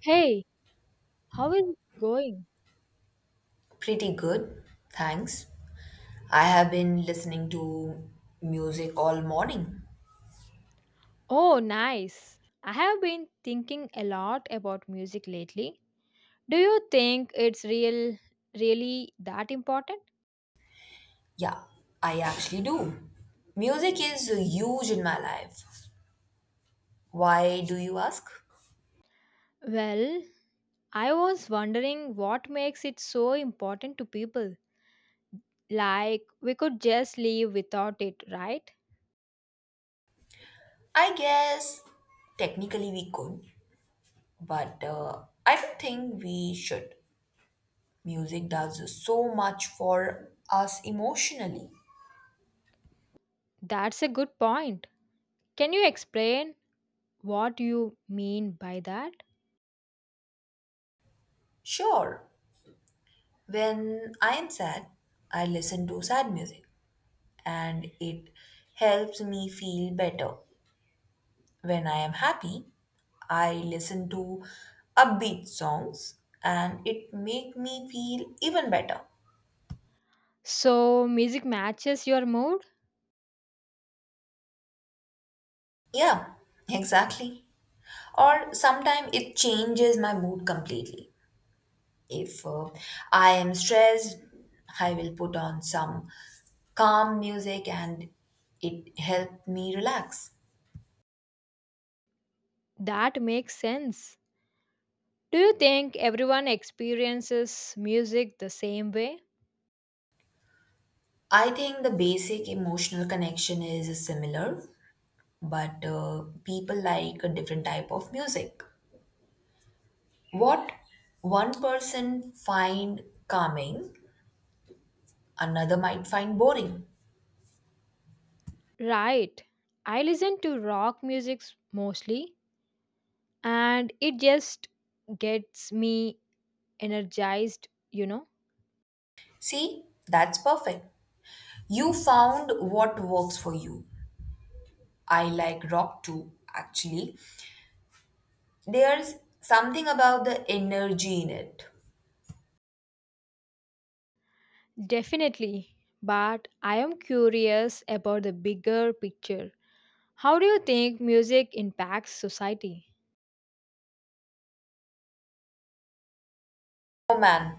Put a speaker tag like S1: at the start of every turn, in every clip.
S1: Hey, how is it going?
S2: Pretty good, thanks. I have been listening to music all morning.
S1: Oh, nice. I have been thinking a lot about music lately. Do you think it's really that important?
S2: Yeah, I actually do. Music is huge in my life. Why do you ask?
S1: Well, I was wondering what makes it so important to people. Like we could just live without it, right?
S2: I guess technically we could, but I don't think we should. Music does so much for us emotionally.
S1: That's a good point. Can you explain what you mean by that?
S2: Sure, when I am sad, I listen to sad music and it helps me feel better. When I am happy, I listen to upbeat songs and it make me feel even better.
S1: So, music matches your mood?
S2: Yeah, exactly. Or sometimes it changes my mood completely. If I am stressed, I will put on some calm music and it helped me relax.
S1: That makes sense. Do you think everyone experiences music the same way?
S2: I think the basic emotional connection is similar, but people like a different type of music. What one person find calming, another might find boring.
S1: Right. I listen to rock music mostly and it just gets me energized, you know?
S2: See, that's perfect. You found what works for you. I like rock too, actually. There's something about the energy in it.
S1: Definitely. But I am curious about the bigger picture. How do you think music impacts society?
S2: Oh man,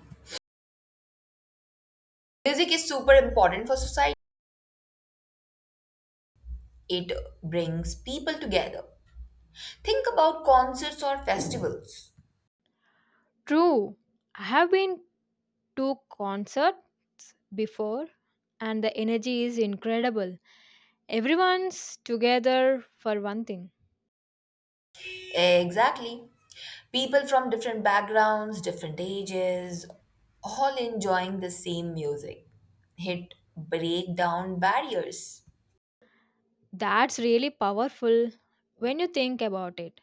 S2: music is super important for society. It brings people together. Think about concerts or festivals.
S1: True. I have been to concerts before and the energy is incredible. Everyone's together for one thing.
S2: Exactly. People from different backgrounds, different ages, all enjoying the same music. It break down barriers.
S1: That's really powerful when you think about it.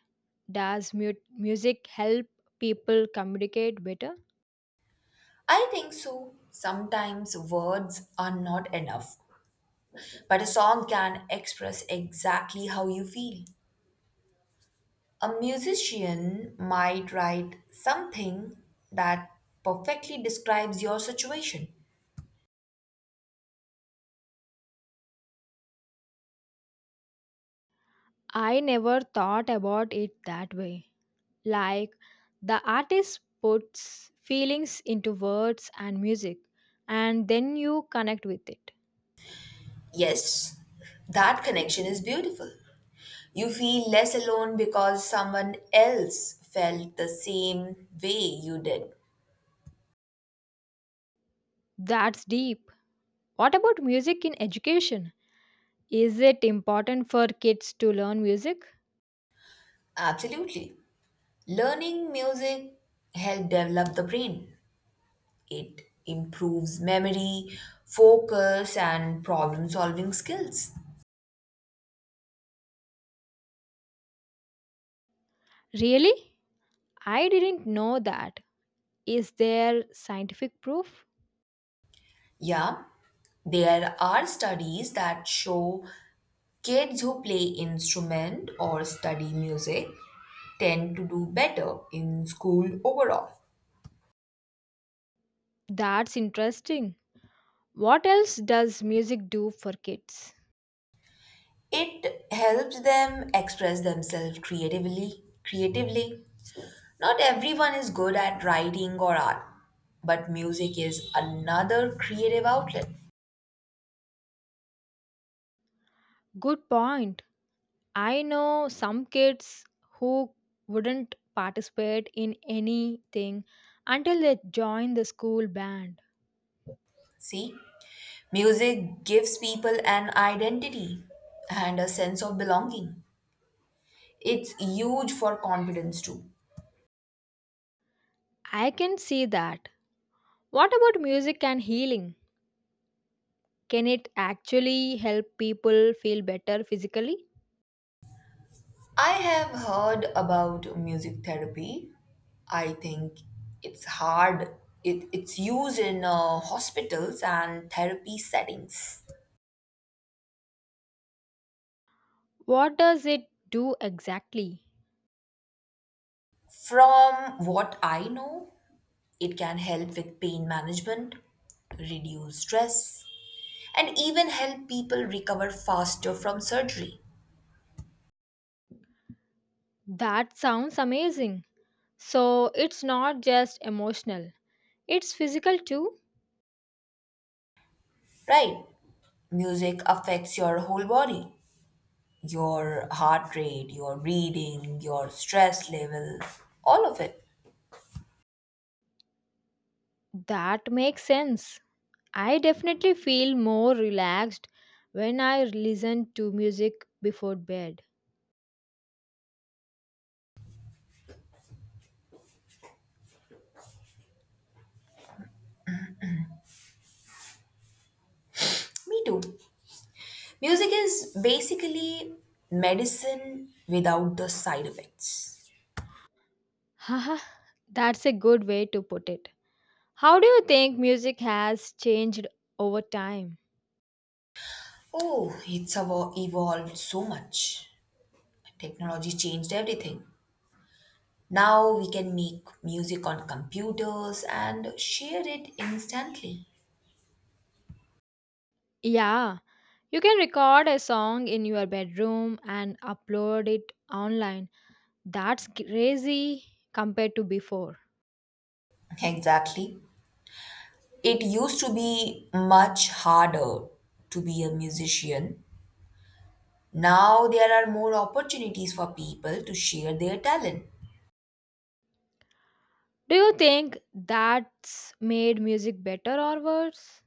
S1: Does music help people communicate better?
S2: I think so. Sometimes words are not enough, but a song can express exactly how you feel. A musician might write something that perfectly describes your situation.
S1: I never thought about it that way. Like the artist puts feelings into words and music and then you connect with it.
S2: Yes, that connection is beautiful. You feel less alone because someone else felt the same way you did.
S1: That's deep. What about music in education? Is it important for kids to learn music?
S2: Absolutely. Learning music helps develop the brain. It improves memory, focus, and problem solving skills.
S1: Really? I didn't know that. Is there scientific proof?
S2: Yeah, there are studies that show kids who play instrument or study music tend to do better in school overall.
S1: That's interesting. What else does music do for kids?
S2: It helps them express themselves creatively, creatively. Not everyone is good at writing or art, but music is another creative outlet.
S1: Good point. I know some kids who wouldn't participate in anything until they join the school band.
S2: See? Music gives people an identity and a sense of belonging. It's huge for confidence too.
S1: I can see that. What about music and healing? Can it actually help people feel better physically?
S2: I have heard about music therapy. I think it's hard. It's used in hospitals and therapy settings.
S1: What does it do exactly?
S2: From what I know, it can help with pain management, reduce stress, and even help people recover faster from surgery.
S1: That sounds amazing. So it's not just emotional, it's physical too.
S2: Right? Music affects your whole body your heart rate, your breathing, your stress level, all of it.
S1: That makes sense. I definitely feel more relaxed when I listen to music before bed.
S2: Me too. Music is basically medicine without the side effects.
S1: Haha, that's a good way to put it. How do you think music has changed over time?
S2: Oh, evolved so much. Technology changed everything. Now we can make music on computers and share it instantly.
S1: Yeah, you can record a song in your bedroom and upload it online. That's crazy compared to before.
S2: Exactly. It used to be much harder to be a musician. Now there are more opportunities for people to share their talent.
S1: Do you think that's made music better or worse?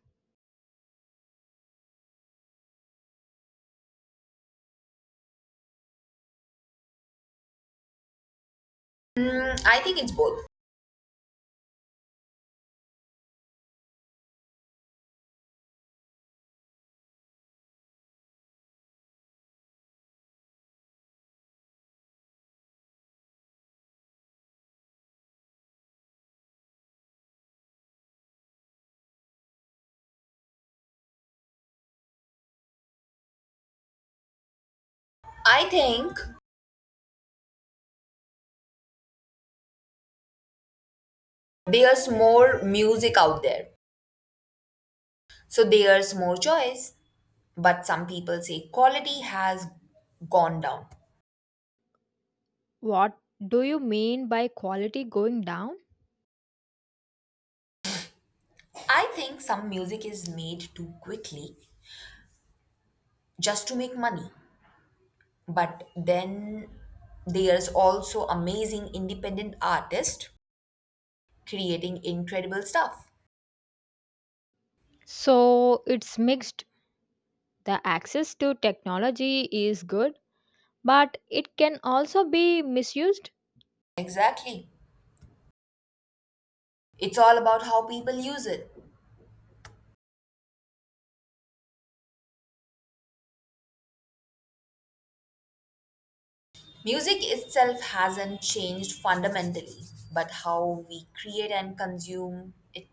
S2: Mm, I think it's both. I think there's more music out there, so there's more choice. But some people say quality has gone down.
S1: What do you mean by quality going down?
S2: I think some music is made too quickly just to make money. But then there's also amazing independent artists creating incredible stuff.
S1: So it's mixed. The access to technology is good, but it can also be misused.
S2: Exactly. It's all about how people use it. Music itself hasn't changed fundamentally, but how we create and consume it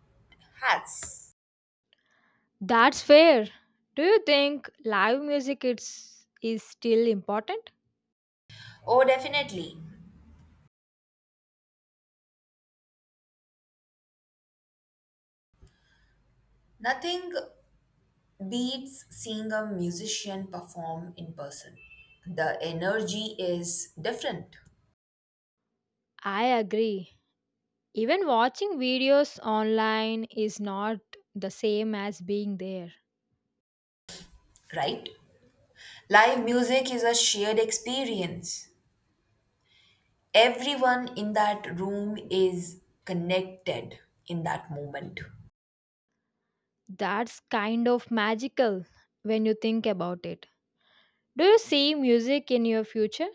S2: has.
S1: That's fair. Do you think live music is still important?
S2: Oh, definitely. Nothing beats seeing a musician perform in person. The energy is different,
S1: I agree. Even watching videos online is not the same as being there.
S2: right? Live music is a shared experience. Everyone in that room is connected in that moment.
S1: That's kind of magical when you think about it. Do you see music in your future?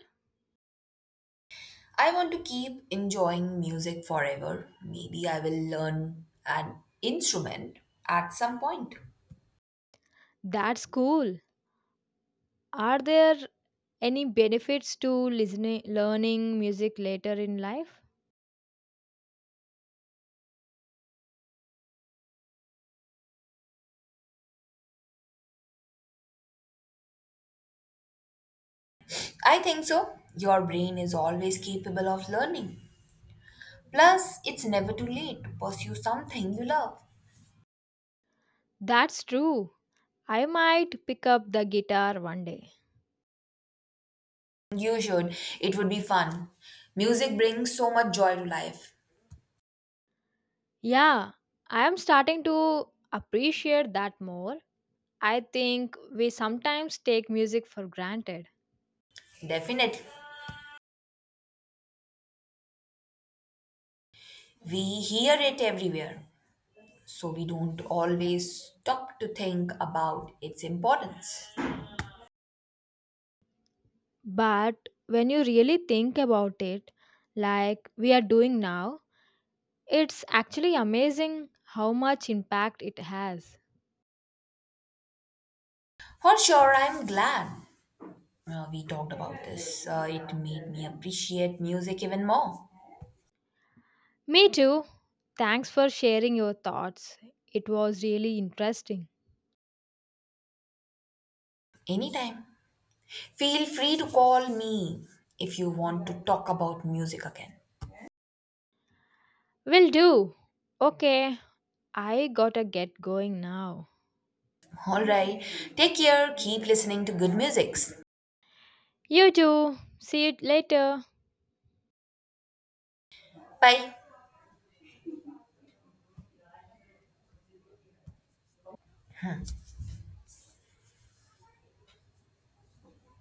S2: I want to keep enjoying music forever. Maybe I will learn an instrument at some point.
S1: That's cool. Are there any benefits to listening learning music later in life?
S2: I think so. Your brain is always capable of learning. Plus, it's never too late to pursue something you love.
S1: That's true. I might pick up the guitar one day.
S2: You should. It would be fun. Music brings so much joy to life.
S1: Yeah, I am starting to appreciate that more. I think we sometimes take music for granted.
S2: Definitely. We hear it everywhere, so we don't always stop to think about its importance.
S1: But when you really think about it, like we are doing now, it's actually amazing how much impact it has.
S2: For sure, I'm glad we talked about this. It made me appreciate music even more.
S1: Me too. Thanks for sharing your thoughts. It was really interesting.
S2: Anytime. Feel free to call me if you want to talk about music again.
S1: Will do. Okay, I gotta get going now.
S2: All right. Take care. Keep listening to good musics.
S1: You too. See you later.
S2: Bye.